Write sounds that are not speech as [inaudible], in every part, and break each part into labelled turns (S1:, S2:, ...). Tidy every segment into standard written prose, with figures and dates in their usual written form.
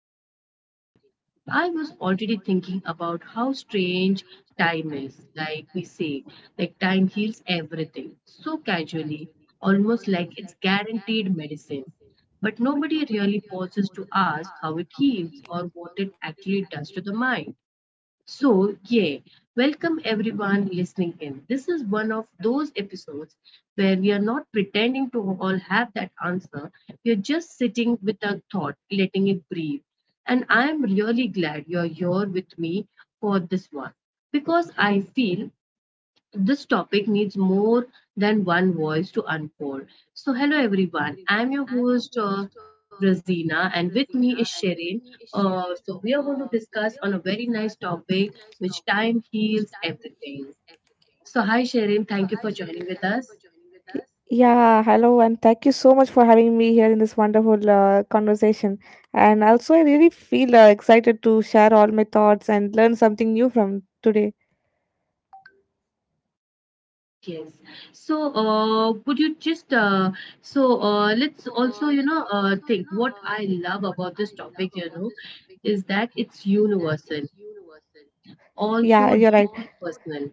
S1: record today, I was already thinking about how strange time is. Like we say, like time heals everything so casually, almost like it's guaranteed medicine. But nobody really pauses to ask how it heals or what it actually does to the mind. So, yeah, welcome everyone listening in. This is one of those episodes where we are not pretending to all have that answer. We are just sitting with a thought, letting it breathe. And I am really glad you're here with me for this one because I feel this topic needs more than one voice to unfold. So, hello everyone. I'm your host, Razina, and with me is Sherin. We are going to discuss on a very nice topic, which time heals everything. So, hi Sherin. Thank you for joining with us.
S2: Yeah, hello, and thank you so much for having me here in this wonderful conversation. And also, I really feel excited to share all my thoughts and learn something new from today.
S1: Yes. So, would you just so let's also think what I love about this topic. You know, is that it's universal,
S2: Yeah,
S1: also
S2: you're right.
S1: deeply personal.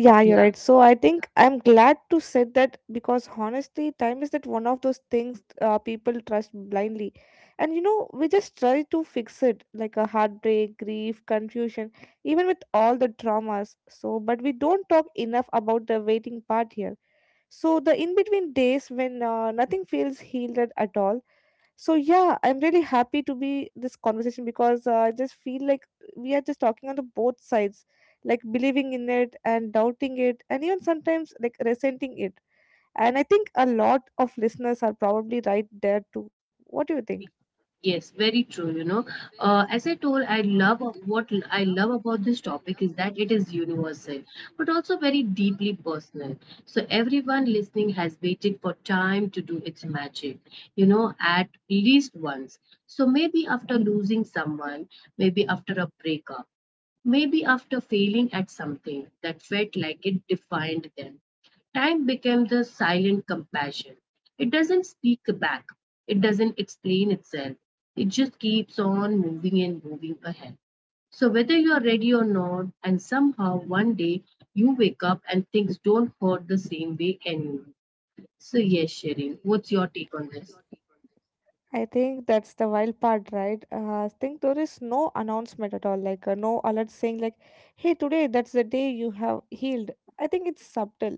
S2: Yeah, you're
S1: Yeah.
S2: right. So I think I'm glad to say that because honestly, time is that one of those things people trust blindly, and we just try to fix it like a heartbreak, grief, confusion, even with all the traumas. So, but we don't talk enough about the waiting part here. So the in between days when nothing feels healed at all. So yeah, I'm really happy to be this conversation because I just feel like we are just talking on the both sides, like believing in it and doubting it, and even sometimes like resenting it. And I think a lot of listeners are probably right there too. What do you think?
S1: Yes, very true. You know, as I told, I love about this topic is that it is universal, but also very deeply personal. So everyone listening has waited for time to do its magic, you know, at least once. So maybe after losing someone, maybe after a breakup, maybe after failing at something that felt like it defined them, time became the silent compassion. It doesn't speak back, it doesn't explain itself, it just keeps on moving and moving ahead. So, whether you are ready or not, and somehow one day you wake up and things don't hurt the same way anymore. So, yes, Sherin, what's your take on this?
S2: I think that's the wild part, right? I think there is no announcement at all, like no alert saying like, "Hey, today that's the day you have healed." I think it's subtle,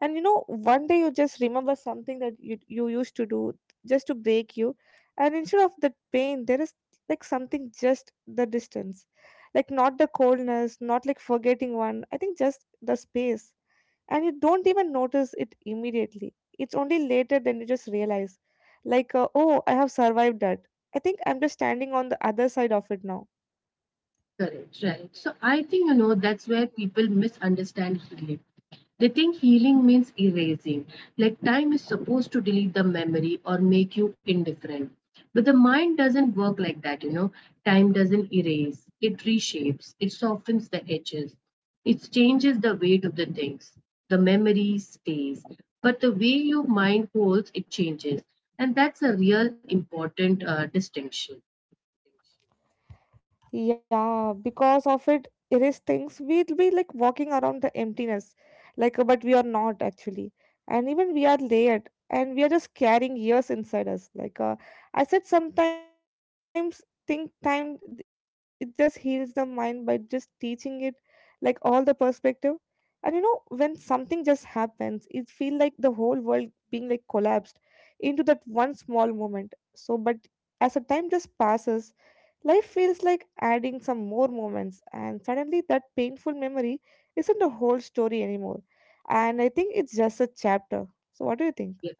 S2: and one day you just remember something that you used to do just to break you, and instead of that pain there is like something just the distance, like not the coldness, not like forgetting one. I think just the space. And you don't even notice it immediately. It's only later than you just realize, like oh, I have survived that. I think I'm just standing on the other side of it now.
S1: Correct, right. So I think, you know, that's where people misunderstand healing. They think healing means erasing, like time is supposed to delete the memory or make you indifferent. But the mind doesn't work like that, you know. Time doesn't erase, it reshapes, it softens the edges, it changes the weight of the things. The memory stays, but the way your mind holds it changes, and that's a real important distinction.
S2: Yeah, because of it, it is things we'll be like walking around the emptiness, like but we are not actually, and even we are layered, and we are just carrying years inside us. Like I said, sometimes think time it just heals the mind by just teaching it, like all the perspective, and when something just happens, it feel like the whole world being like collapsed into that one small moment. So, but as the time just passes, life feels like adding some more moments, and suddenly that painful memory isn't the whole story anymore. And I think it's just a chapter. So, what do you think?
S1: Yeah.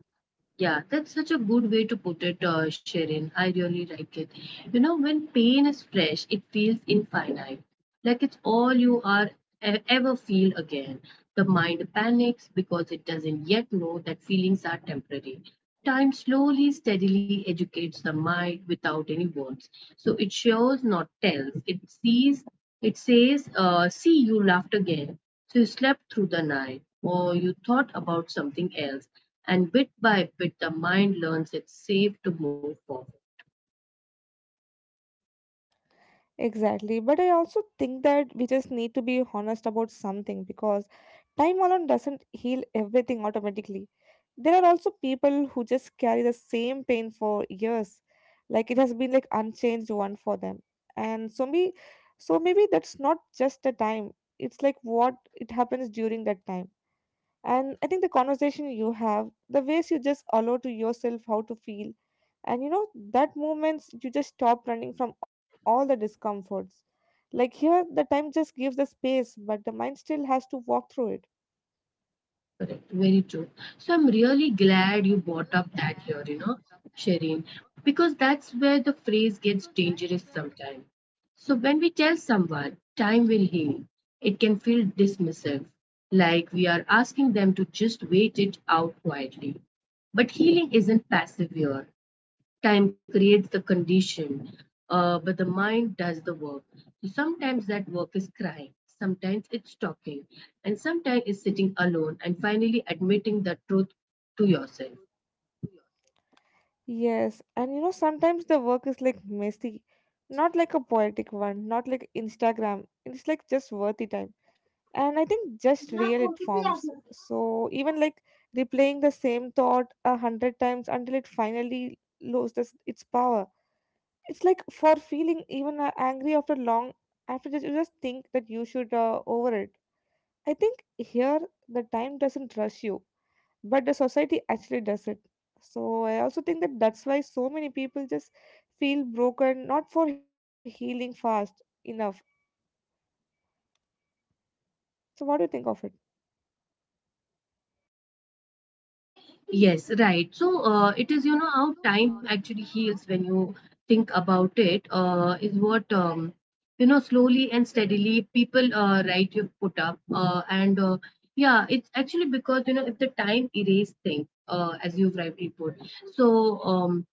S1: Yeah, that's such a good way to put it, Shirin. I really like it. You know, when pain is fresh, it feels infinite, like it's all you are ever feel again. The mind panics because it doesn't yet know that feelings are temporary. Time slowly, steadily educates the mind without any words. So it shows, not tells. It sees. It says, "See, you laughed again." So you slept through the night, or you thought about something else, and bit by bit the mind learns it's safe to move forward.
S2: Exactly, but I also think that we just need to be honest about something because time alone doesn't heal everything automatically. There are also people who just carry the same pain for years, like it has been like unchanged one for them. And so me, so maybe that's not just a time. It's like what it happens during that time. And I think the conversation you have, the ways you just allow to yourself how to feel, and that moments you just stop running from all the discomforts. Like here, the time just gives the space, but the mind still has to walk through it.
S1: Correct, very true. So I'm really glad you brought up that here, you know, Shireen, because that's where the phrase gets dangerous sometimes. So when we tell someone time will heal, it can feel dismissive, like we are asking them to just wait it out quietly. But healing isn't passive here. Time creates the condition, but the mind does the work. So sometimes that work is crying, sometimes it's talking, and sometimes it's sitting alone and finally admitting the truth to yourself.
S2: Yes, and sometimes the work is like messy, not like a poetic one, not like Instagram. It's like just worthy time. And I think just real it forms. So even like replaying the same thought 100 times until it finally loses its power. It's like for feeling even angry after long, after just, you just think that you should over it. I think here the time doesn't rush you, but the society actually does it. So I also think that that's why so many people just feel broken, not for healing fast enough. So what do you think of it?
S1: Yes, right. So it is, you know, how time actually heals when you think about it, you know, slowly and steadily people, right, you've put up. And yeah, it's actually because, you know, if the time erased things as you've rightly put. So,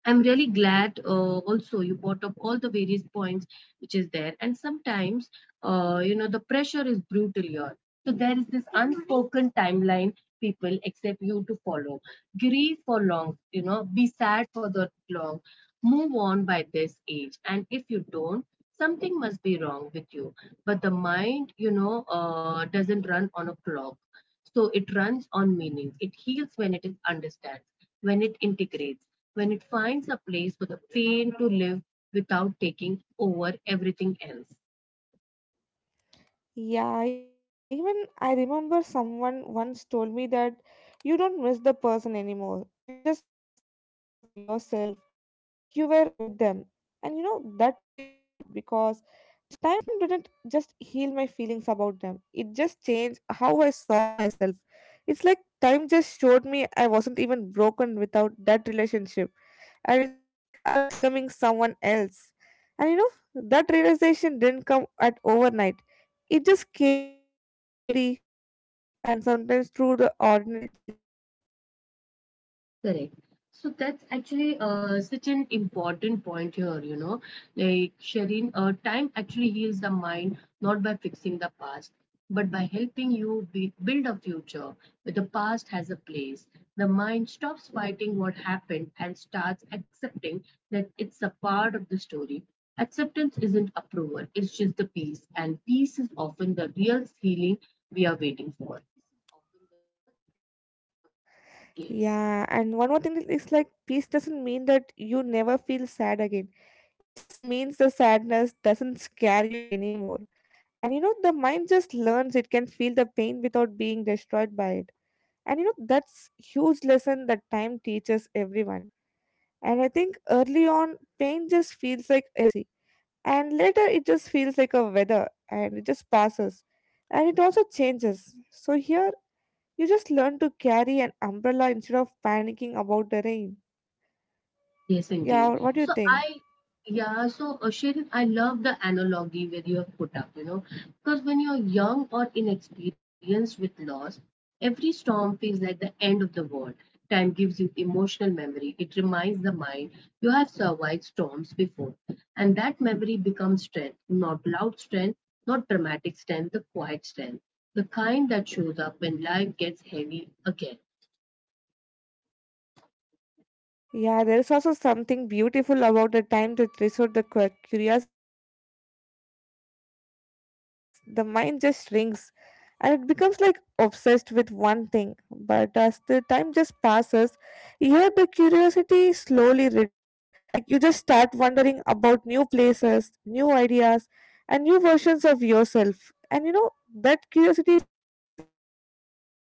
S1: I'm really glad also you brought up all the various points which is there. And sometimes, you know, the pressure is brutal here. So there is this unspoken timeline people accept you to follow. Grieve for long, you know, be sad for the long. Move on by this age. And if you don't, something must be wrong with you. But the mind, you know, doesn't run on a clock. So it runs on meaning. It heals when it is understands, when it integrates, when it finds a place for the pain to live without taking over everything else.
S2: Yeah, even I remember someone once told me that you don't miss the person anymore, you just miss the version of yourself like you were with them. And you know that hit hard because time didn't just heal my feelings about them, it just changed how I saw myself. It's like time just showed me I wasn't even broken without that relationship, and it's like I was just becoming someone else. And that realization didn't come at overnight. It just came slowly, quietly, and sometimes through the ordinary days.
S1: Correct. So that's actually such an important point here, you know, like Shireen, time actually heals the mind not by fixing the past, but by helping you build a future where the past has a place. The mind stops fighting what happened and starts accepting that it's a part of the story. Acceptance isn't approval, it's just the peace, and peace is often the real healing we are waiting for. Yes.
S2: Yeah, and one more thing is like peace doesn't mean that you never feel sad again. It just means the sadness doesn't scare you anymore. And the mind just learns it can feel the pain without being destroyed by it. And that's huge lesson that time teaches everyone. And I think early on, pain just feels like emergency. And later it just feels like a weather, and it just passes. And it also changes. So here you just learn to carry an umbrella instead of panicking about the rain.
S1: Yes, indeed.
S2: Yeah, what do you think?
S1: Yeah, so Shirin, I love the analogy where you have put up, you know, because when you're young or inexperienced with loss, every storm feels like the end of the world. Time gives you emotional memory. It reminds the mind you have survived storms before. And that memory becomes strength, not loud strength, not dramatic strength, the quiet strength, the kind that shows up when life gets heavy again.
S2: Yeah, there is also something beautiful about the time to resort the curiosity. And when the pain is like intense, the mind just shrinks and it becomes like obsessed with one thing. But as the time just passes, here the curiosity slowly returns. Like you just start wondering about new places, new ideas, and new versions of yourself. And that curiosity is a sign of healing too,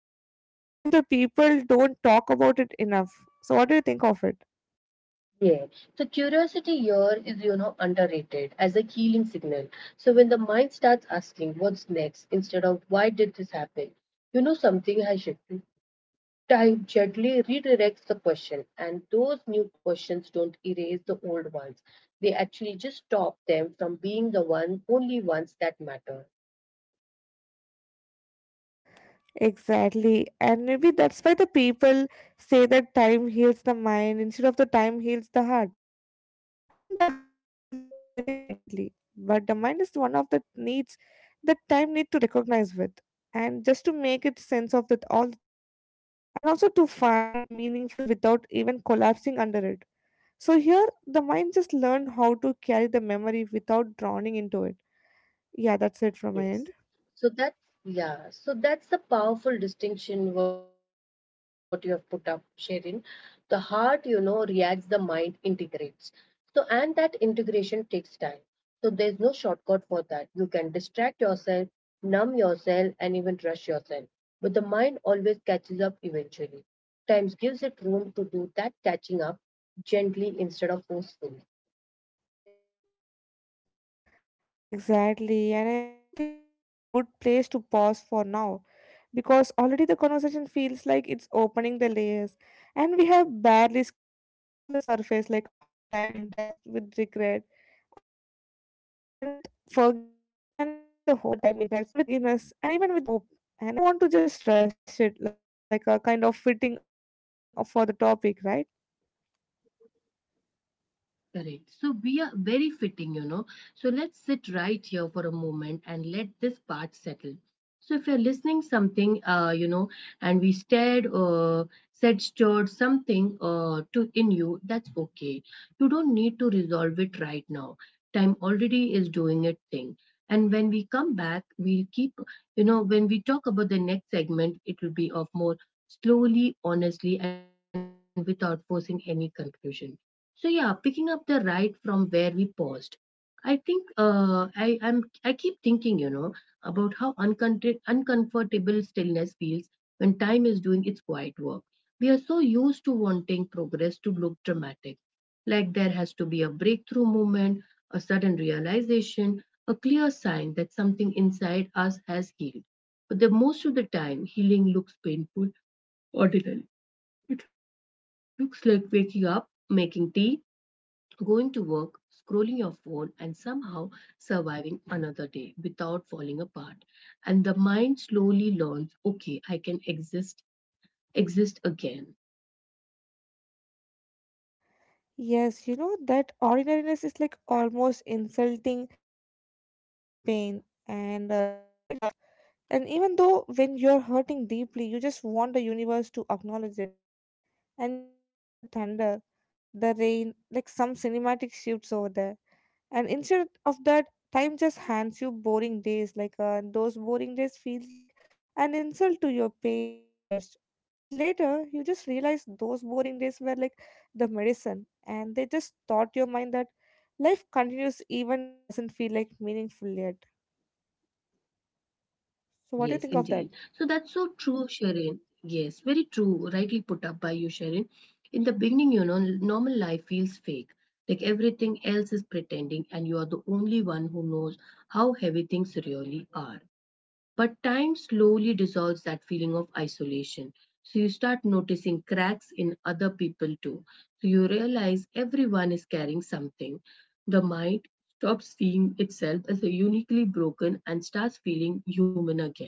S2: even if the people don't talk about it enough. So, what do you think of it?
S1: Yeah, so curiosity here is, you know, underrated as a healing signal. So when the mind starts asking what's next instead of why did this happen, you know, something has shifted. Time gently redirects the question, and those new questions don't erase the old ones. They actually just stop them from being the only ones that matter.
S2: Exactly. And maybe that's why the people say that time heals the mind instead of the time heals the heart. I think the heart feels everything instantly, but the mind is one of the needs that time need to recognize with, and just to make it sense of that all the things, and also to find meaningful without even collapsing under it. So here the mind just learned how to carry the memory without drowning into it. Yeah, that's it from my
S1: Yes.
S2: end.
S1: So that's, yeah, so that's the powerful distinction what you have put up, Sherin. The heart, you know, reacts, the mind integrates. So, and that integration takes time. So there's no shortcut for that. You can distract yourself, numb yourself, and even rush yourself. But the mind always catches up eventually. Times gives it room to do that catching up gently instead of forcefully.
S2: Exactly. And I also think that that's a good place to pause for now, because already the conversation feels like it's opening the layers, and we have barely scratched all the surface, like how the time interacts with regret, identity, and with forgiveness, and even with the hope. And I think there is so much more to unpack all those things, and I don't want to just rush it like a kind of fitting for the topic, right?
S1: Correct. So we are very fitting, you know. So let's sit right here for a moment and let this part settle. So if you're listening something, you know, and we stared or said stirred something to in you, that's okay. You don't need to resolve it right now. Time already is doing its thing. And when we come back, we'll keep, you know, when we talk about the next segment, it will be of more slowly, honestly, and without forcing any conclusion. So yeah, picking up the right from where we paused. I think I keep thinking, you know, about how uncomfortable stillness feels when time is doing its quiet work. We are so used to wanting progress to look dramatic, like there has to be a breakthrough moment, a sudden realization, a clear sign that something inside us has healed. But the most of the time, healing looks painful, ordinary. It looks like waking up, making tea, going to work, scrolling your phone, and somehow surviving another day without falling apart. And the mind slowly learns, okay, exist again.
S2: Yes, you know that ordinariness is like almost insulting when you're in the pain, and it's really tough. And even though when you're hurting deeply, you just want the universe to acknowledge it. And you just want the thunder, the rain, like some cinematic shifts over there. And instead of that, time just hands you boring days. Like and those boring days feels like an insult to your pain at first. But later, you just realize those boring days were like the medicine. And they just taught your mind that life continues even if doesn't feel like meaningful yet.
S1: Yes,
S2: So what
S1: indeed.
S2: do you think
S1: So
S2: of that?
S1: that's so true, Sharon. Yes, very true. Rightly put up by you, Sharon. In the beginning, you know, normal life feels fake. Like everything else is pretending, and you are the only one who knows how heavy things really are. But time slowly dissolves that feeling of isolation. So you start noticing cracks in other people too. So you realize everyone is carrying something. The mind stops seeing itself as a uniquely broken and starts feeling human again.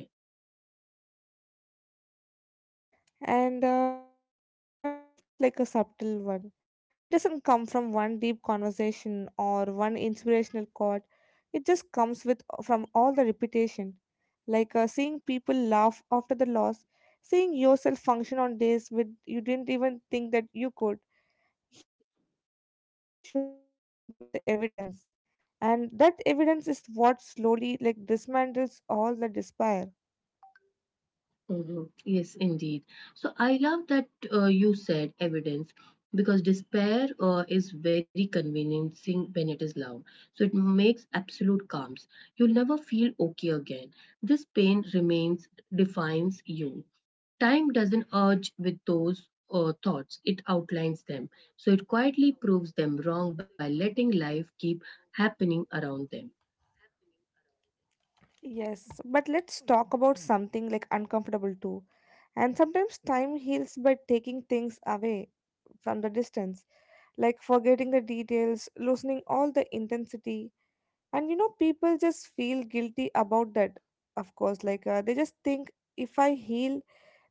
S2: And that shift is like a subtle one. It doesn't come from one deep conversation or one inspirational quote. It just comes with from all the repetition. Like seeing people laugh after the loss, seeing yourself function on days when you didn't even think that you could. Here, the time just shows the mind with the evidence, and that evidence is what slowly like dismantles all the despair.
S1: Mhm. Yes, indeed. So I love that you said evidence because despair is very convincing when it is loud. So it makes absolute calms. You'll never feel okay again. This pain remains, defines you. Time doesn't urge with those thoughts, it outlines them. So it quietly proves them wrong by letting life keep happening around them.
S2: Yes, but let's talk about something like uncomfortable too. And sometimes time heals by taking things away from the distance, like forgetting the details, loosening all the intensity. And people just feel guilty about that, of course. Like, they just think if I heal,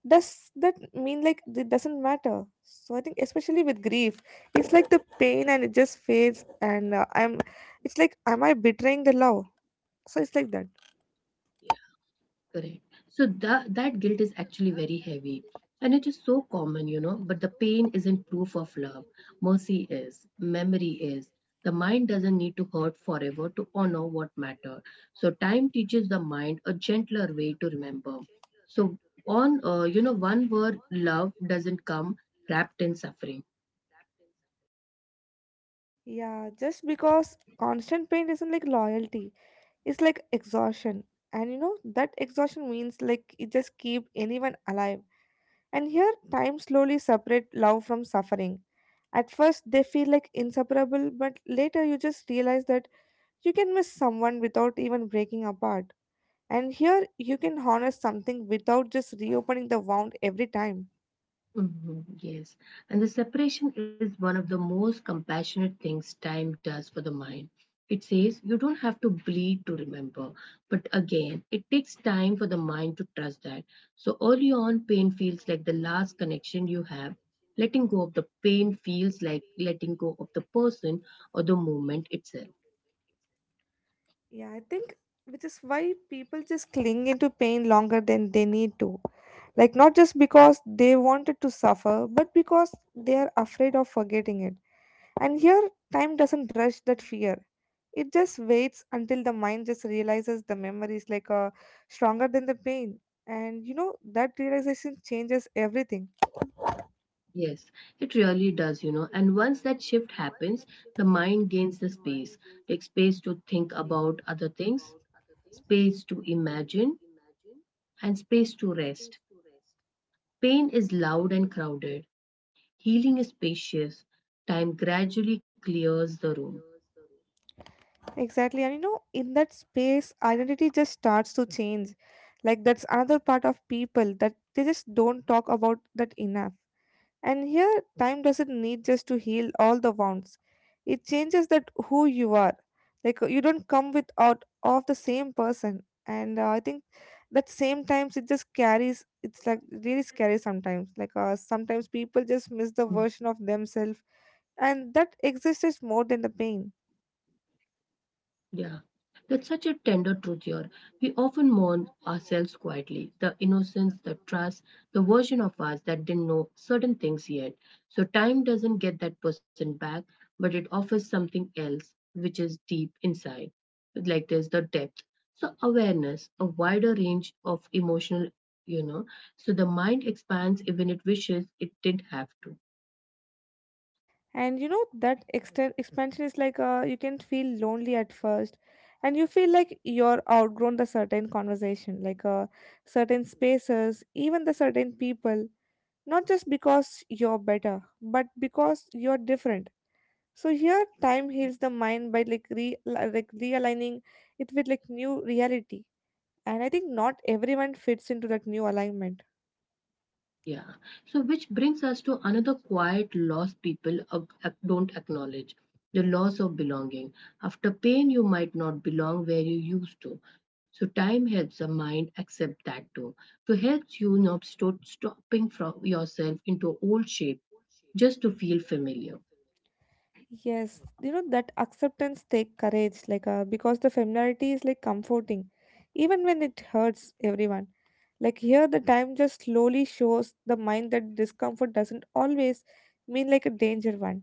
S2: does that mean like it doesn't matter? So I think, especially with grief, it's like the pain and it just fades, and it's like, am I betraying the love? So it's like that.
S1: Correct. So that guilt is actually very heavy. And it is so common, you know, but the pain isn't proof of love. Mercy is, memory is. The mind doesn't need to hurt forever to honor what mattered. So time teaches the mind a gentler way to remember. So on, you know, one word, love doesn't come wrapped in suffering.
S2: Yeah, just because constant pain isn't like loyalty, it's like exhaustion. And that exhaustion means like it just keep anyone alive. And here, time slowly separate love from suffering. At first, they feel like inseparable, but later you just realize that you can miss someone without even breaking apart. And here, you can harness something without just reopening the wound every time.
S1: Mhm. Yes, and the separation is one of the most compassionate things time does for the mind. It says you don't have to bleed to remember, but again, it takes time for the mind to trust that. So early on, pain feels like the last connection you have. Letting go of the pain feels like letting go of the person or the moment itself.
S2: Yeah, I think which is why people just cling into pain longer than they need to. Like, not just because they wanted to suffer, but because they are afraid of forgetting it. And here, time doesn't rush that fear. It just waits until the mind just realizes the memory is like stronger than the pain. And that realization changes everything.
S1: Yes, it really does, you know. And once that shift happens, the mind gains the space, like space to think about other things, space to imagine, and space to rest. Pain is loud and crowded, healing is spacious. Time gradually clears the room.
S2: Exactly. And in that space, identity just starts to change. Like that's another part of people that they just don't talk about that enough. And here, time doesn't need just to heal all the wounds. It changes that who you are. Like you don't come with out of the same person. And I think that same times it just carries. It's like really scary sometimes. Like sometimes people
S1: Hmm.
S2: just miss the version of themselves, and that exists is more than the pain.
S1: Yeah, that's such a tender truth here. We often mourn ourselves quietly, the innocence, the trust, the version of us that didn't know certain things yet. So time doesn't get that person back, but it offers something else, which is deep inside. Like there's the depth. So awareness, a wider range of emotional, you know, so the mind expands even it wishes it didn't have to.
S2: And you know that extent expansion is like you can feel lonely at first, and you feel like you're outgrown the certain conversation like certain spaces, even the certain people, not just because you're better but because you're different. So here time heals the mind by like realigning it with like new reality. And I think not everyone fits into that new alignment.
S1: Yeah. So, which brings us to another quiet loss people don't acknowledge the loss of belonging. After pain, you might not belong where you used to. So, time helps the mind accept that too. So, helps you not stop stopping from yourself into old shape just to feel familiar.
S2: Yes, you know that acceptance take courage, like, because the familiarity is like comforting, even when it hurts everyone. Like here, the time just slowly shows the mind that discomfort doesn't always mean like a danger one,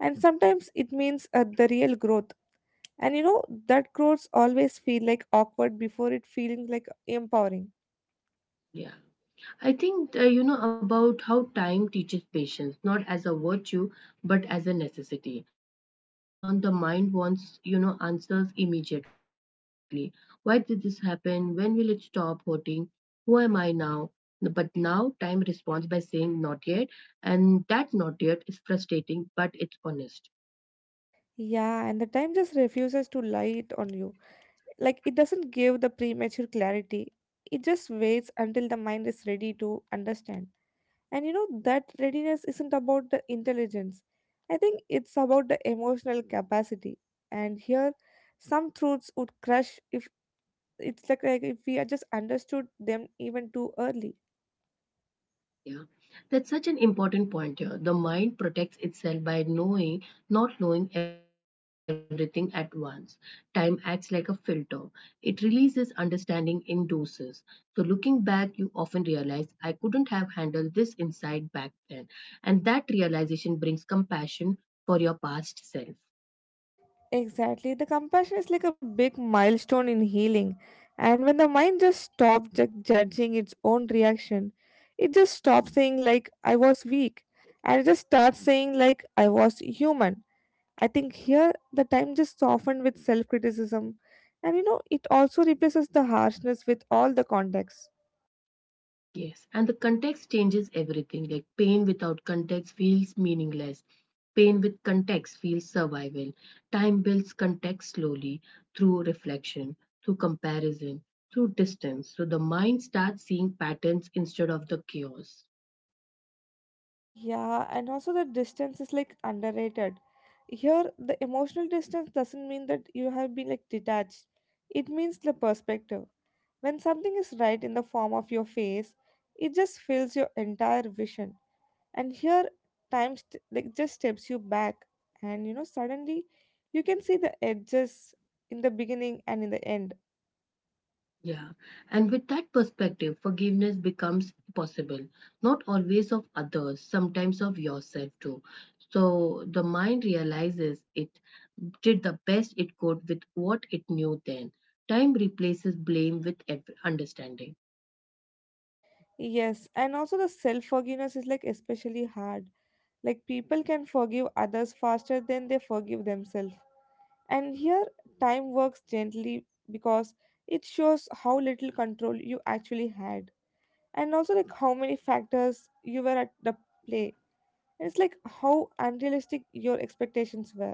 S2: and sometimes it means the real growth. And you know that growths always feel like awkward before it feeling like empowering.
S1: Yeah. I think about how time teaches patience, not as a virtue, but as a necessity. So early on, the mind wants, answers immediately. Why did this happen? When will it stop hurting? Who am I now? But now time responds by saying not yet, and that not yet is frustrating, but it's honest.
S2: Yeah, and the time just refuses to lie it on you, like it doesn't give the premature clarity. It just waits until the mind is ready to understand, and you know that readiness isn't about the intelligence. I think it's about the emotional capacity. And here some truths would crush if like if we had just understood them even too early.
S1: Yeah, that's such an important point here. The mind protects itself by knowing, not knowing everything at once. Time acts like a filter, it releases understanding in doses. So, looking back, you often realize I couldn't have handled this insight back then. And that realization brings compassion for your past self.
S2: Exactly. The compassion is like a big milestone in healing. And when the mind just stops judging its own reaction, it just stops saying, like, I was weak. And it just starts saying, like, I was human. I think here the time just softened with self criticism. And you know, it also replaces the harshness with all the context.
S1: Yes, and the context changes everything. Like pain without context feels meaningless. Pain with context feels survival. Time builds context slowly through reflection, through comparison, through distance. So the mind starts seeing patterns instead of the chaos.
S2: Yeah, and also the distance is like underrated. Here, the emotional distance doesn't mean that you have been like detached, it means the perspective. When something is right in the form of your face, it just fills your entire vision. And here, time just steps you back, and you know suddenly you can see the edges in the beginning and in the end.
S1: Yeah, and with that perspective, forgiveness becomes possible, not always of others, sometimes of yourself too. So the mind realizes it did the best it could with what it knew then. Time replaces blame with understanding.
S2: Yes, and also the self forgiveness is like especially hard. Like people can forgive others faster than they forgive themselves. And here, time works gently because it shows how little control you actually had. And also like how many factors you were at the play, and it's like how unrealistic your expectations were.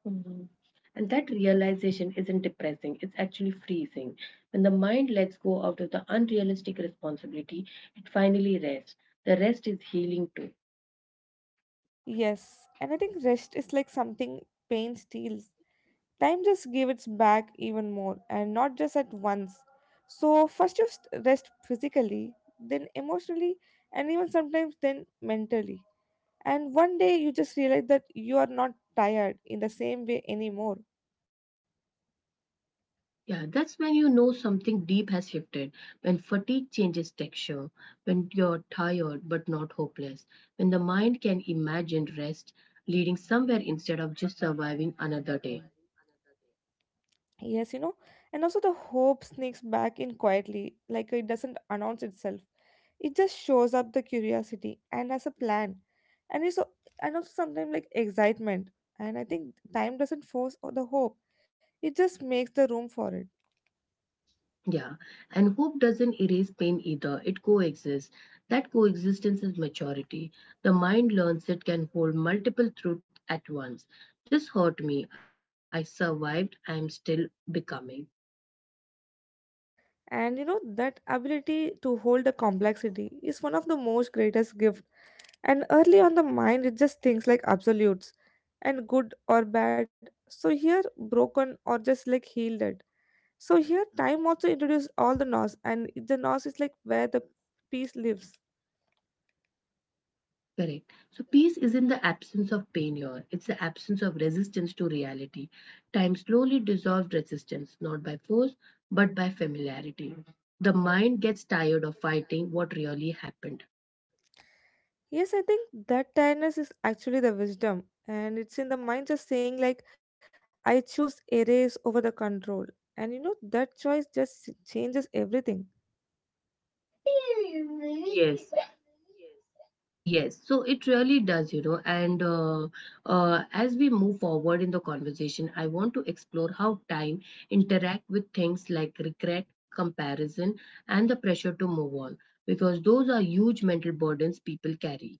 S1: Mhm. And that realization isn't depressing, it's actually freezing. When the mind lets go out of the unrealistic responsibility, it finally rests. The rest is healing too.
S2: Yes, and I think rest is like something pain steals. Time just gave its back even more and not just at once. So first you rest physically, then emotionally, and even sometimes then mentally, and one day you just realize that you are not tired in the same way anymore.
S1: Yeah, that's when you know something deep has shifted, when fatigue changes texture, when you're tired but not hopeless, when the mind can imagine rest leading somewhere instead of just surviving another day.
S2: Yes, you know, and also the hope sneaks back in quietly, like it doesn't announce itself. It just shows up the curiosity and as a plan, and it's so, and also sometimes like excitement. And I think time doesn't force the hope; it just makes the room for it.
S1: Yeah, and hope doesn't erase pain either, it coexists. That coexistence is maturity. The mind learns it can hold multiple truths at once. This hurt me, I survived, I am still becoming.
S2: And you know that ability to hold the complexity is one of the most greatest gift. And early on the mind, it just thinks like absolutes, and good or bad. So here, broken or just like healed. So here, time also introduced all the nos, and the nos is like where the peace lives.
S1: Correct. So peace isn't the absence of pain here, it's the absence of resistance to reality. Time slowly dissolved resistance, not by force, but by familiarity. Mhm. The mind gets tired of fighting what really happened.
S2: Yes, I think that tiredness is actually the wisdom, and it's in the mind just saying like, I choose erase over the control, and you know that choice just changes everything.
S1: Yes. Yes, so it really does, you know. And As we move forward in the conversation, I want to explore how time interact with things like regret, comparison, and the pressure to move on, because those are huge mental burdens people carry.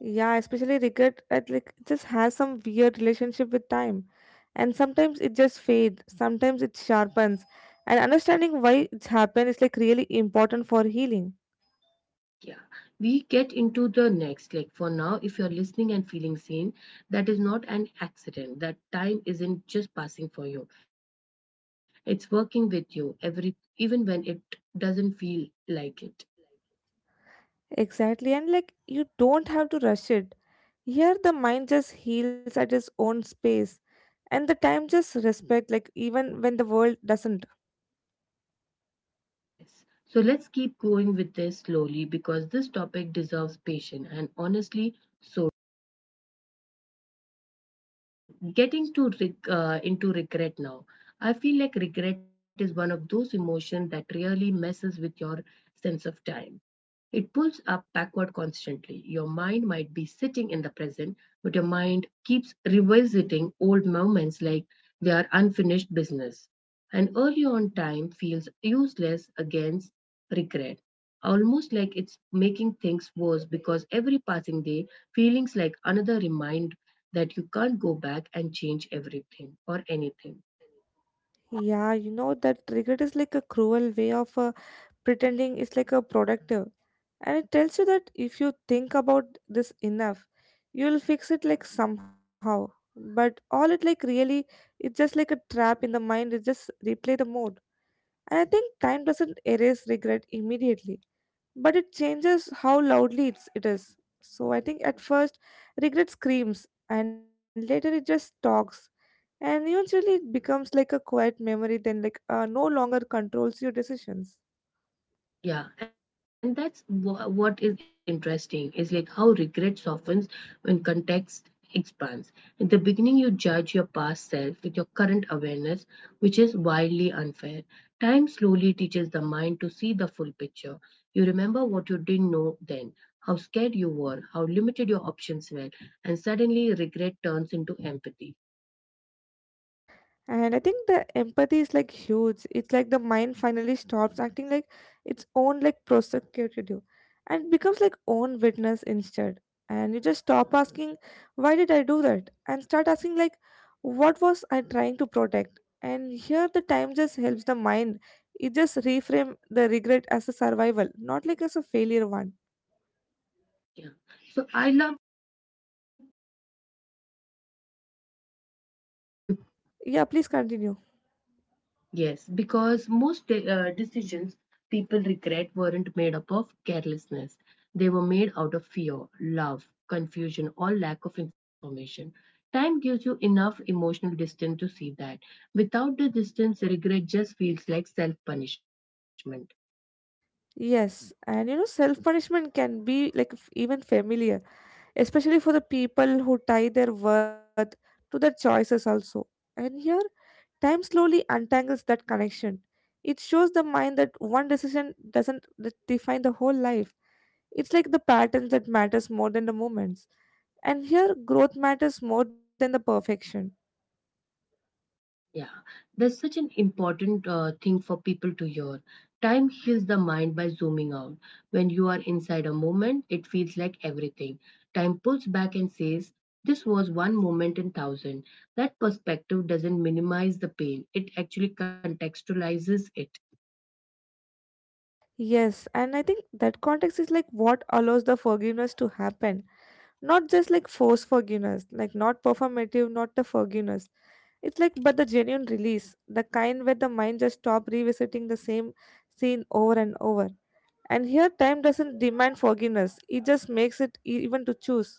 S2: Yeah, especially regret at like it just has some weird relationship with time, and sometimes it just fades, sometimes it sharpens, and understanding why it's happened is like really important for healing.
S1: Yeah, we get into the next. Like for now, if you're listening and feeling seen, that is not an accident. That time isn't just passing for you; it's working with you every, even when it doesn't feel like it.
S2: Exactly, and like you don't have to rush it. Here, the mind just heals at its own space, and the time just respect, like even when the world doesn't.
S1: Yes. So let's keep going with this slowly because this topic deserves patience and honestly, so getting to into regret now. I feel like regret is one of those emotions that really messes with your sense of time. It pulls up backward constantly. Your mind might be sitting in the present, but your mind keeps revisiting old moments like they are unfinished business. And early on time feels useless against regret, almost like it's making things worse because every passing day feelings like another remind that you can't go back and change everything or anything.
S2: Yeah, you know that triggered is like a cruel way of pretending it's like a productive, and it tells you that if you think about this enough, you'll fix it like somehow. But all it like really, it's just like a trap in the mind. It just replay the mode, and I think time doesn't erase regret immediately. But it changes how loudly it is. So I think at first, regret screams, and later it just talks. And eventually, it becomes like a quiet memory, then, like, no longer controls your decisions.
S1: Yeah, and that's what is interesting is like how regret softens when context expands. At the beginning, you judge your past self with your current awareness, which is wildly unfair. Time slowly teaches the mind to see the full picture. You remember what you didn't know then, how scared you were, how limited your options were, and suddenly regret turns into empathy.
S2: And I think the empathy is like huge. It's like the mind finally stops acting like its own like prosecutor and becomes like own witness instead. And you just stop asking, why did I do that? And start asking like, what was I trying to protect? And here the time just helps the mind. It just reframe the regret as a survival, not like as a failure one.
S1: Yeah. So I love.
S2: Yeah, please continue.
S1: Yes, because most decisions people regret weren't made up of carelessness. They were made out of fear, love, confusion, or lack of information. Time gives you enough emotional distance to see that. Without the distance, regret just feels like self punishment.
S2: Yes, and you know, self punishment can be like even familiar, especially for the people who tie their worth to their choices also. And here, time slowly untangles that connection. It shows the mind that one decision doesn't define the whole life. It's like the patterns that matters more than the moments. And here, growth matters more than the perfection.
S1: Yeah, that's such an important thing for people to hear. Time heals the mind by zooming out. When you are inside a moment, it feels like everything. Time pulls back and says, "This was one moment in thousand." That perspective doesn't minimize the pain, it actually contextualizes it.
S2: Yes, and I think that context is like what allows the forgiveness to happen. Not just like forced forgiveness, like not performative, not the forgiveness. It's like, but the genuine release, the kind where the mind just stop revisiting the same scene over and over. And here, time doesn't demand forgiveness; it just makes it even to choose.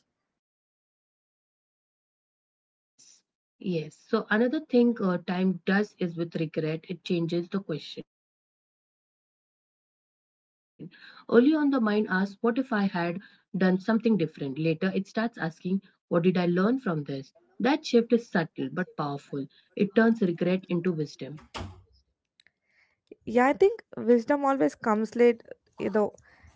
S1: Yes, yes. So another thing time does is with regret, it changes the question. Early on, the mind asks, "What if I had done something different?" Later, it starts asking, "What did I learn from this?" That shift is subtle but powerful. It turns regret into wisdom.
S2: Yeah, I think wisdom always comes late, you know,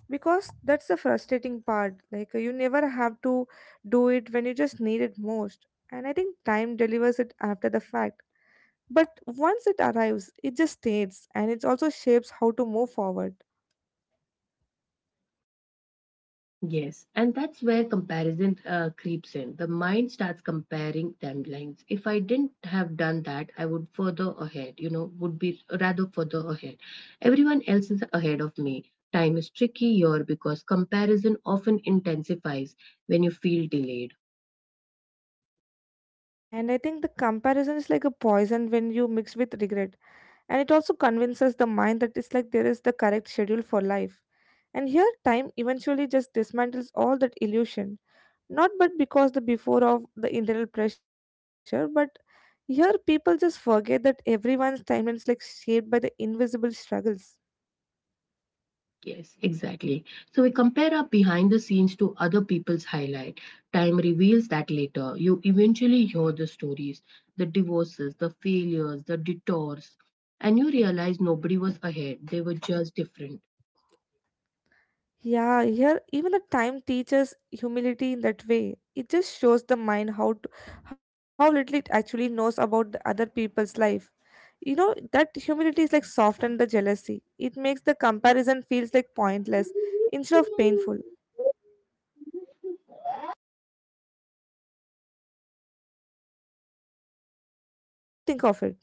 S2: because that's the frustrating part. Like you never have to do it when you just need it most, and I think time delivers it after the fact. But once it arrives, it just stays and it also shapes how to move forward.
S1: Yes, and that's where comparison creeps in. The mind starts comparing timelines. If I didn't have done that, I would further ahead, you know, would be rather further ahead. Everyone else is ahead of me. Time is tricky here because comparison often intensifies when you feel delayed.
S2: And I think the comparison is like a poison when you mix with regret. And it also convinces the mind that it's like there is the correct schedule for life. And here, time eventually just dismantles all that illusion. Not but because the before of the internal pressure, but here people just forget that everyone's timeline is like shaped by the invisible struggles.
S1: Yes, exactly. So we compare our behind the scenes to other people's highlight. Time reveals that later. You eventually hear the stories, the divorces, the failures, the detours, and you realize nobody was ahead. They were just different.
S2: Yeah, here even the time teaches humility in that way. It just shows the mind how little it actually knows about the other people's life. You know that humility is like soften the jealousy. It makes the comparison feels like pointless instead of painful. Yeah, what do you think of it?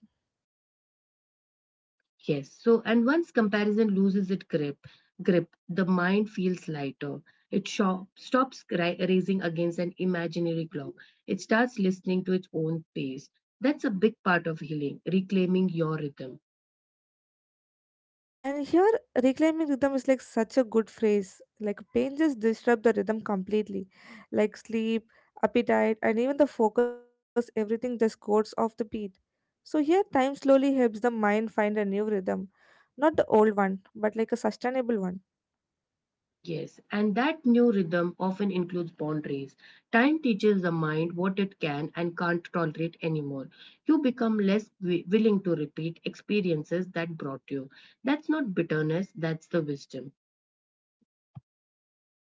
S1: Yes. So and once comparison loses its grip, the mind feels lighter. It stops racing against an imaginary clock. It starts listening to its own pace. That's a big part of healing, reclaiming your rhythm.
S2: And here, reclaiming rhythm is like such a good phrase. Like pain just disrupts the rhythm completely. Like sleep, appetite, and even the focus, everything just goes off the beat. So here, time slowly helps the mind find a new rhythm. Not the old one, but like a sustainable one.
S1: Yes, and that new rhythm often includes boundaries. Time teaches the mind what it can and can't tolerate anymore. You become less willing to repeat experiences that brought you. That's not bitterness, that's the wisdom.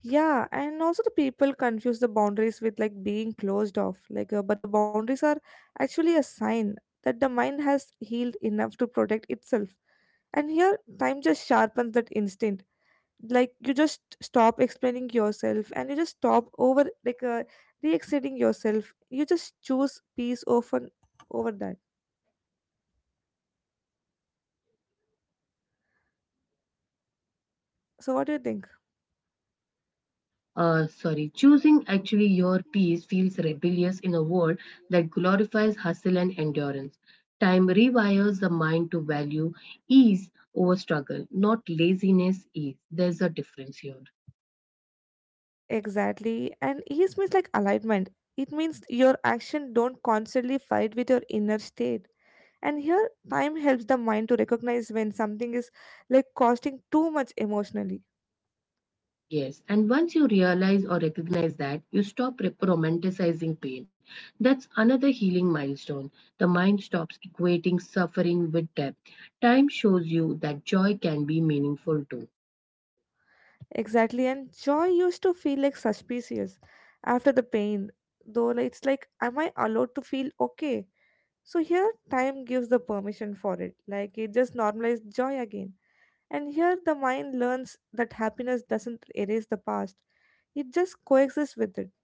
S2: Yeah, and also the people confuse the boundaries with like being closed off. But the boundaries are actually a sign that the mind has healed enough to protect itself. And here, time just sharpens that instinct, like you just stop explaining yourself and you just stop over like re-exciting yourself. You just choose peace over that. So what do you think?
S1: Sorry, choosing actually your peace feels rebellious in a world that glorifies hustle and endurance. Time rewires the mind to value ease over struggle, not laziness, ease. There's a difference here.
S2: Exactly, and ease means like alignment. It means your action don't constantly fight with your inner state. And here time helps the mind to recognize when something is like costing too much emotionally.
S1: Yes, and once you realize or recognize that, you stop romanticizing pain. That's another healing milestone. The mind stops equating suffering with depth. Time shows you that joy can be meaningful too.
S2: Exactly, and joy used to feel like suspicious after the pain, though like, it's like am I allowed to feel okay. So here time gives the permission for it, like it just normalizes joy again. And here the mind learns that happiness doesn't erase the past, it just coexists with it.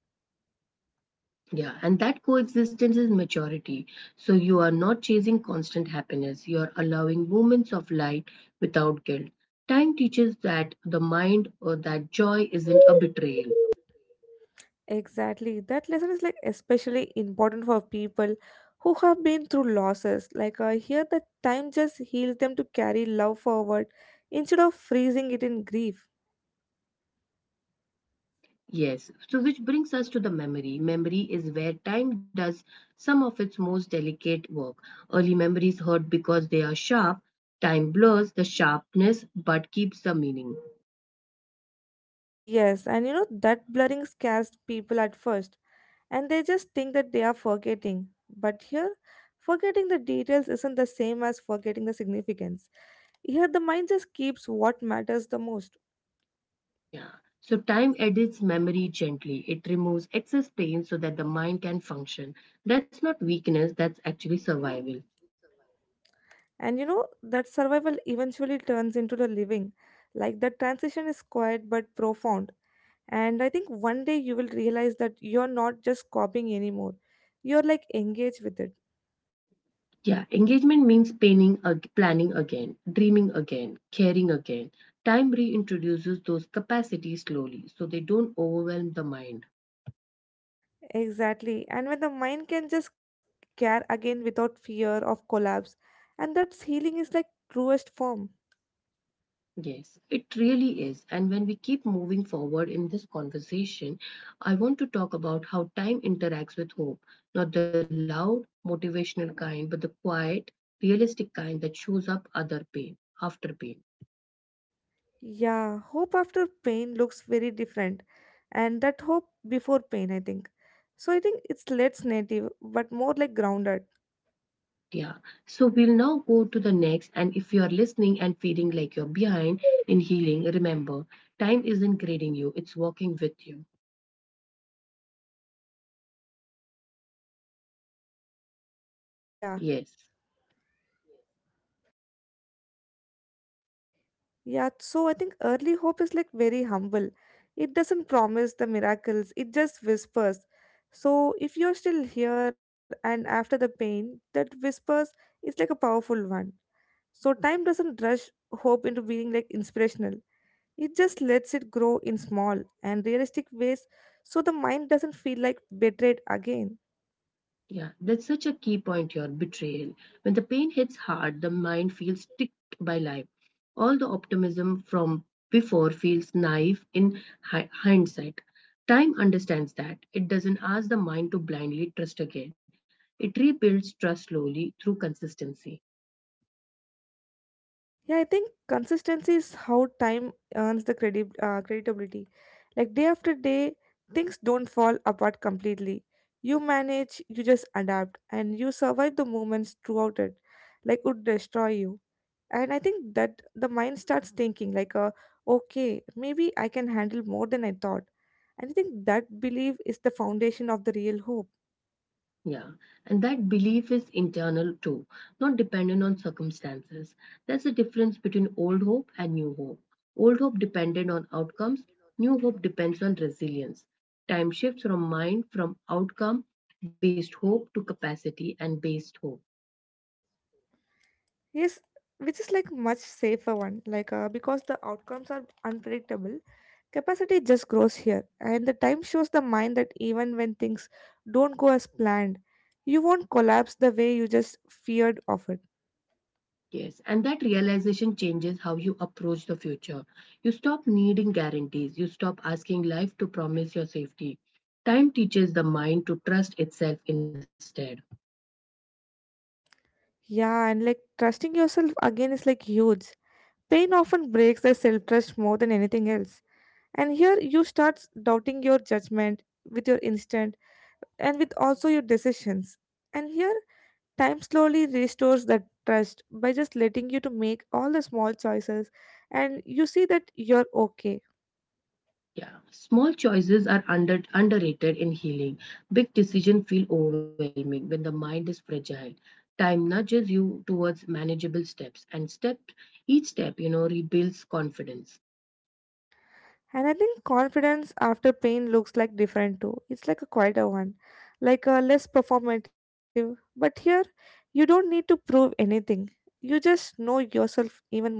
S1: Yeah, and that coexistence is maturity. So you are not chasing constant happiness, you are allowing moments of light without guilt. Time teaches that the mind or that joy isn't a betrayal.
S2: Exactly. That lesson is like especially important for people who have been through losses. Like here the time just heals them to carry love forward instead of freezing it in grief.
S1: Yes, so which brings us to the memory. Memory is where time does some of its most delicate work. Early memories hurt because they are sharp. Time blurs the sharpness but keeps the meaning.
S2: Yes, and you know that blurring scares people at first and they just think that they are forgetting. But here, forgetting the details isn't the same as forgetting the significance. Here, the mind just keeps what matters the most.
S1: Yeah. So time edits memory gently. It removes excess pain so that the mind can function. That's not weakness, that's actually survival.
S2: And you know, that survival eventually turns into the living. Like that transition is quiet but profound. And I think one day you will realize that you're not just copying anymore. You're like engaged with it.
S1: Yeah, engagement means planning, planning again, dreaming again, caring again. Time reintroduces those capacities slowly so they don't overwhelm the mind.
S2: Exactly. And when the mind can just care again without fear of collapse, and that's healing is like truest form.
S1: Yes, it really is. And when we keep moving forward in this conversation, I want to talk about how time interacts with hope. Not the loud, motivational kind, but the quiet, realistic kind that shows up other pain, after pain.
S2: Yeah, hope after pain looks very different, and that hope before pain, I think. So I think it's less native, but more like grounded.
S1: Yeah. So we'll now go to the next. And if you are listening and feeling like you're behind in healing, remember, time isn't grading you, it's working with you.
S2: Yeah,
S1: Yes.
S2: yeah. So I think early hope is like very humble. It doesn't promise the miracles, it just whispers. So if you're still here and after the pain, that whispers is like a powerful one. So time doesn't rush hope into being like inspirational. It just lets it grow in small and realistic ways so the mind doesn't feel like betrayed again.
S1: Yeah. That's such a key point here betrayal. When the pain hits hard, the mind feels ticked by life. All the optimism from before feels naive in hindsight. Time understands that. It doesn't ask the mind to blindly trust again. It rebuilds trust slowly through consistency.
S2: Yeah, I think consistency is how time earns the credit, creditability. Like day after day, things don't fall apart completely. You manage, you just adapt, and you survive the moments throughout it, like would destroy you. And I think that the mind starts thinking like okay, maybe I can handle more than I thought. And I think that belief is the foundation of the real hope.
S1: Yeah, and that belief is internal too, not dependent on circumstances. That's the difference between old hope and new hope. Old hope dependent on outcomes, new hope depends on resilience. Time shifts from mind from outcome based hope to capacity and based hope.
S2: Yes, which is like much safer one, like because the outcomes are unpredictable. Capacity just grows here, and the time shows the mind that even when things don't go as planned, you won't collapse the way you just feared of it.
S1: Yes, and that realization changes how you approach the future. You stop needing guarantees, you stop asking life to promise your safety. Time teaches the mind to trust itself instead.
S2: Yeah, and like trusting yourself again is like huge. Pain often breaks their self-trust more than anything else, and here you start doubting your judgment, with your instinct, and with also your decisions. And here time slowly restores that trust by just letting you to make all the small choices, and you see that you're okay.
S1: Yeah, small choices are underrated in healing. Big decisions feel overwhelming when the mind is fragile. Time nudges you towards manageable steps, and step each step, you know, rebuilds confidence.
S2: And I think confidence after pain looks like different too. It's like a quieter one, like a less performative, but here you don't need to prove anything. You just know yourself even more better.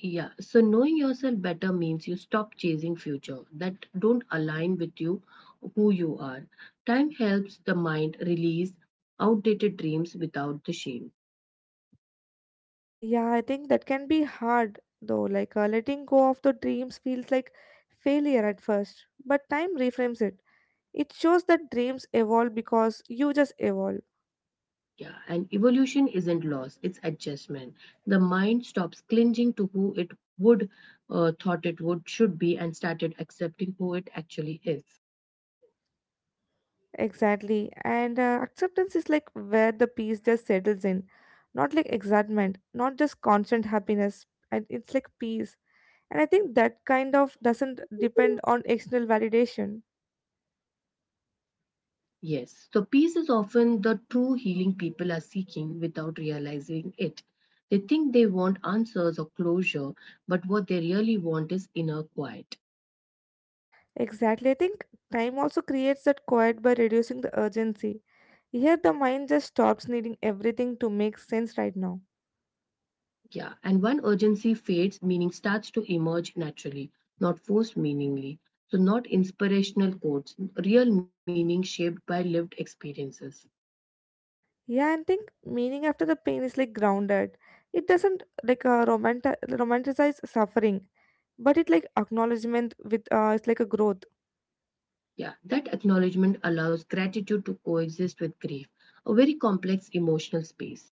S1: Yeah, so knowing yourself better means you stop chasing future that don't align with you, who you are. Time helps the mind release outdated dreams without the shame.
S2: Yeah, I think that can be hard though. Like letting go of the dreams feels like failure at first, but time reframes it. It shows that dreams evolve because you just evolve.
S1: Yeah, and evolution isn't loss, it's adjustment. The mind stops clinging to who it would thought it would should be and started accepting who it actually is.
S2: Exactly. And acceptance is like where the peace just settles in. Not like excitement, not just constant happiness. And it's like peace. And I think that kind of doesn't depend on external validation.
S1: Yes, so peace is often the true healing people are seeking without realizing it. They think they want answers or closure, but what they really want is inner quiet.
S2: Exactly. I think time also creates that quiet by reducing the urgency. Here, the mind just stops needing everything to make sense right now.
S1: Yeah, and when urgency fades, meaning starts to emerge naturally, not forced meaningly. So, not inspirational quotes, real meaning shaped by lived experiences.
S2: Yeah, and think meaning after the pain is like grounded. It doesn't like romanticize suffering, but it like acknowledgement with it's like a growth.
S1: Yeah, that acknowledgement allows gratitude to coexist with grief, a very complex emotional space.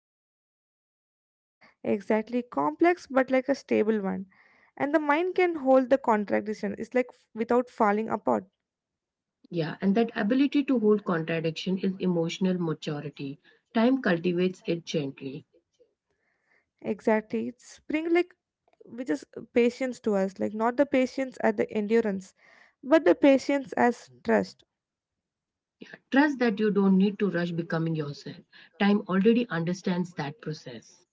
S2: Exactly, complex but like a stable one, and the mind can hold the contradiction. It's like without falling apart.
S1: Yeah, and that ability to hold contradiction is emotional maturity. Time cultivates it gently.
S2: Exactly. It's bring like which is patience to us, like not the patience at the endurance, but the patience as trust.
S1: Yeah, trust that you don't need to rush becoming yourself. Time already understands that process.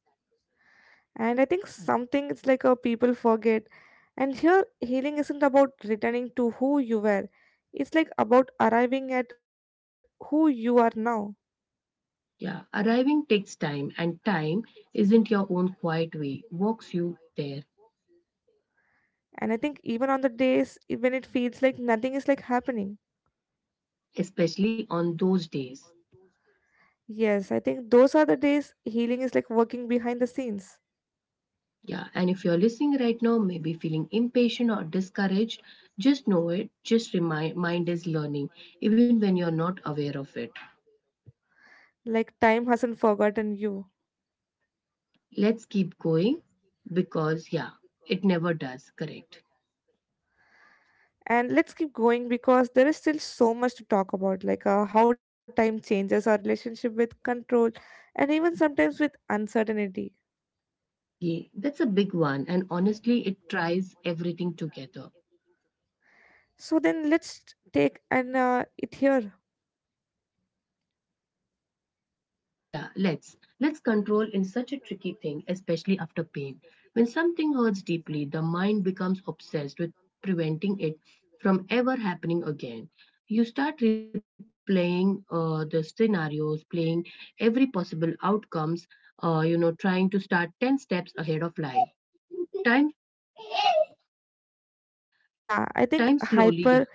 S2: And I think something it's like a people forget. And here healing isn't about returning to who you were. It's like about arriving at who you are now.
S1: Yeah, arriving takes time, and time isn't your own quiet way, walks you there,
S2: And I think even on the days when it feels like nothing is like happening.
S1: especially on those days.
S2: Yes, I think those are the days healing is like working behind the scenes.
S1: Yeah, and if you're listening right now, maybe feeling impatient or discouraged, just know it, just remind mind is learning, even when you're not aware of it.
S2: Like time hasn't forgotten you.
S1: Let's keep going because, yeah, it never does, correct?
S2: And let's keep going because there is still so much to talk about, like how time changes our relationship with control and even sometimes with uncertainty.
S1: Yeah, that's a big one, and honestly, it tries everything together.
S2: So then let's take an it here.
S1: Yeah, let's. Let's control in such a tricky thing, especially after pain. When something hurts deeply, the mind becomes obsessed with preventing it from ever happening again. You start replaying the scenarios, playing every possible outcomes, you know, trying to start 10 steps ahead of life. Time,
S2: Yeah, I
S1: time
S2: think
S1: slowly, yeah,
S2: hyper.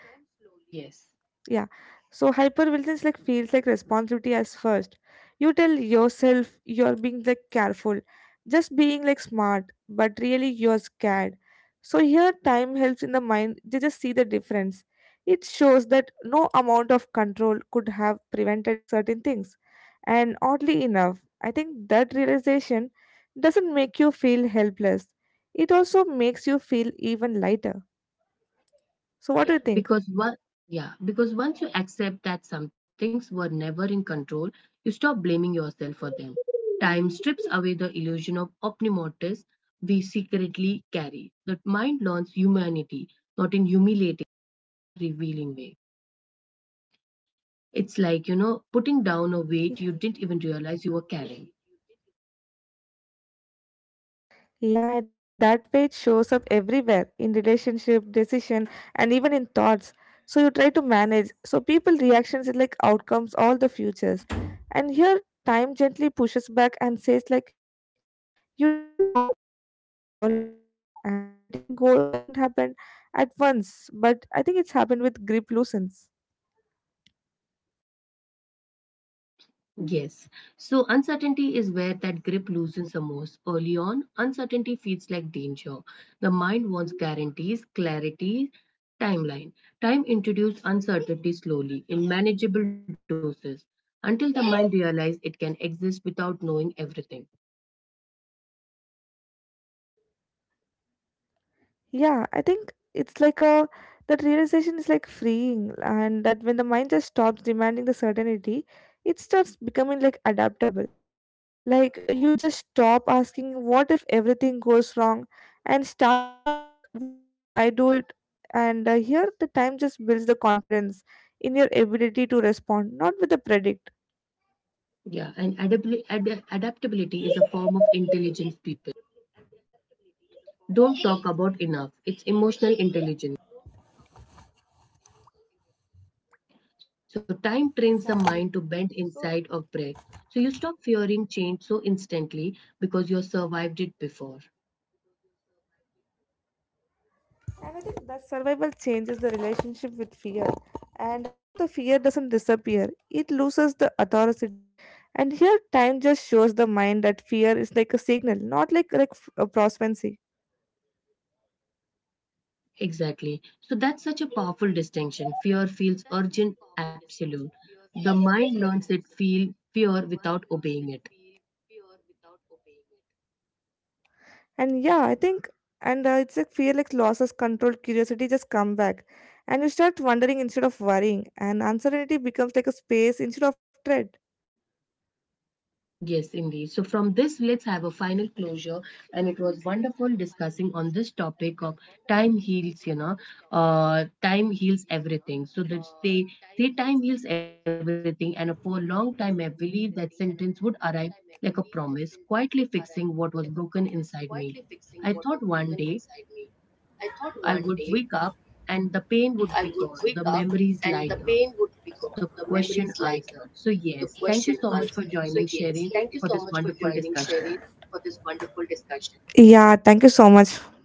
S1: yes.
S2: Yeah. So hypervigilance like feels like responsibility as first. You tell yourself you're being like careful, just being like smart, but really you're scared. So here time helps in the mind. They just see the difference. It shows that no amount of control could have prevented certain things. And oddly enough, I think that realization doesn't make you feel helpless. It also makes you feel even lighter.
S1: Yeah,
S2: So what do you
S1: because
S2: think?
S1: because once you accept that some things were never in control, you stop blaming yourself for them. Time strips away the illusion of optimotis we secretly carry. The mind learns humanity, not in humiliating, in a revealing way. It's like, you know, putting
S2: Like
S1: down a
S2: [laughs] you know
S1: weight you didn't
S2: putting
S1: even
S2: down a
S1: realize
S2: weight
S1: you were
S2: you did it.
S1: carrying.
S2: Yeah, I think that weight shows up everywhere in relationship, decision, and even in thoughts. So you try to manage. So people reactions is like outcomes, all the futures. And here time gently pushes back and says like you don't have to hold all of this, and letting go doesn't happen at once, but I think it's happened with grip loosens.
S1: Yes. So uncertainty is where that grip loosens the most. Early on, uncertainty feels like danger. The mind wants guarantees, clarity, timeline. Time introduces uncertainty slowly, in manageable doses, until the mind realizes it can exist without knowing everything.
S2: Yeah, I think it's like a that realization is like freeing, and that when the mind just stops demanding the certainty, it starts becoming like adaptable. Like you just stop asking what if everything goes wrong and start asking like what if I do it. And here the time just builds the confidence in your ability to respond, not with the predict.
S1: Yeah, and adaptability is a form of intelligence people don't talk about enough. It's emotional intelligence. So, time trains the mind to
S2: Exactly.
S1: bend inside
S2: So
S1: of breath. So, you stop fearing change so instantly because you survived it before.
S2: and I think that survival changes the relationship with fear. And also, the fear doesn't disappear, it loses the authority. And here, time just shows the mind that fear is like a signal, not like a prospency.
S1: Exactly. So that's such a powerful distinction. Fear feels urgent, absolute. The mind learns it feel fear without obeying it.
S2: And yeah, I think, and it's like fear like losses control, curiosity just come back. And you start wondering instead of worrying, and uncertainty becomes like a space instead of dread.
S1: Yes, indeed. So from this, let's have a final closure. And it was wonderful discussing on this topic of time heals. You know, time heals everything. So that they say time heals everything, and for a long time, I believe that sentence would arrive like a promise, quietly fixing what was broken inside me. I thought one day I would wake up and the pain would be gone, the memories lighter, the question answered. So, yes, thank you so much for joining, Sherin, for this wonderful discussion.
S2: Yeah, thank you so much.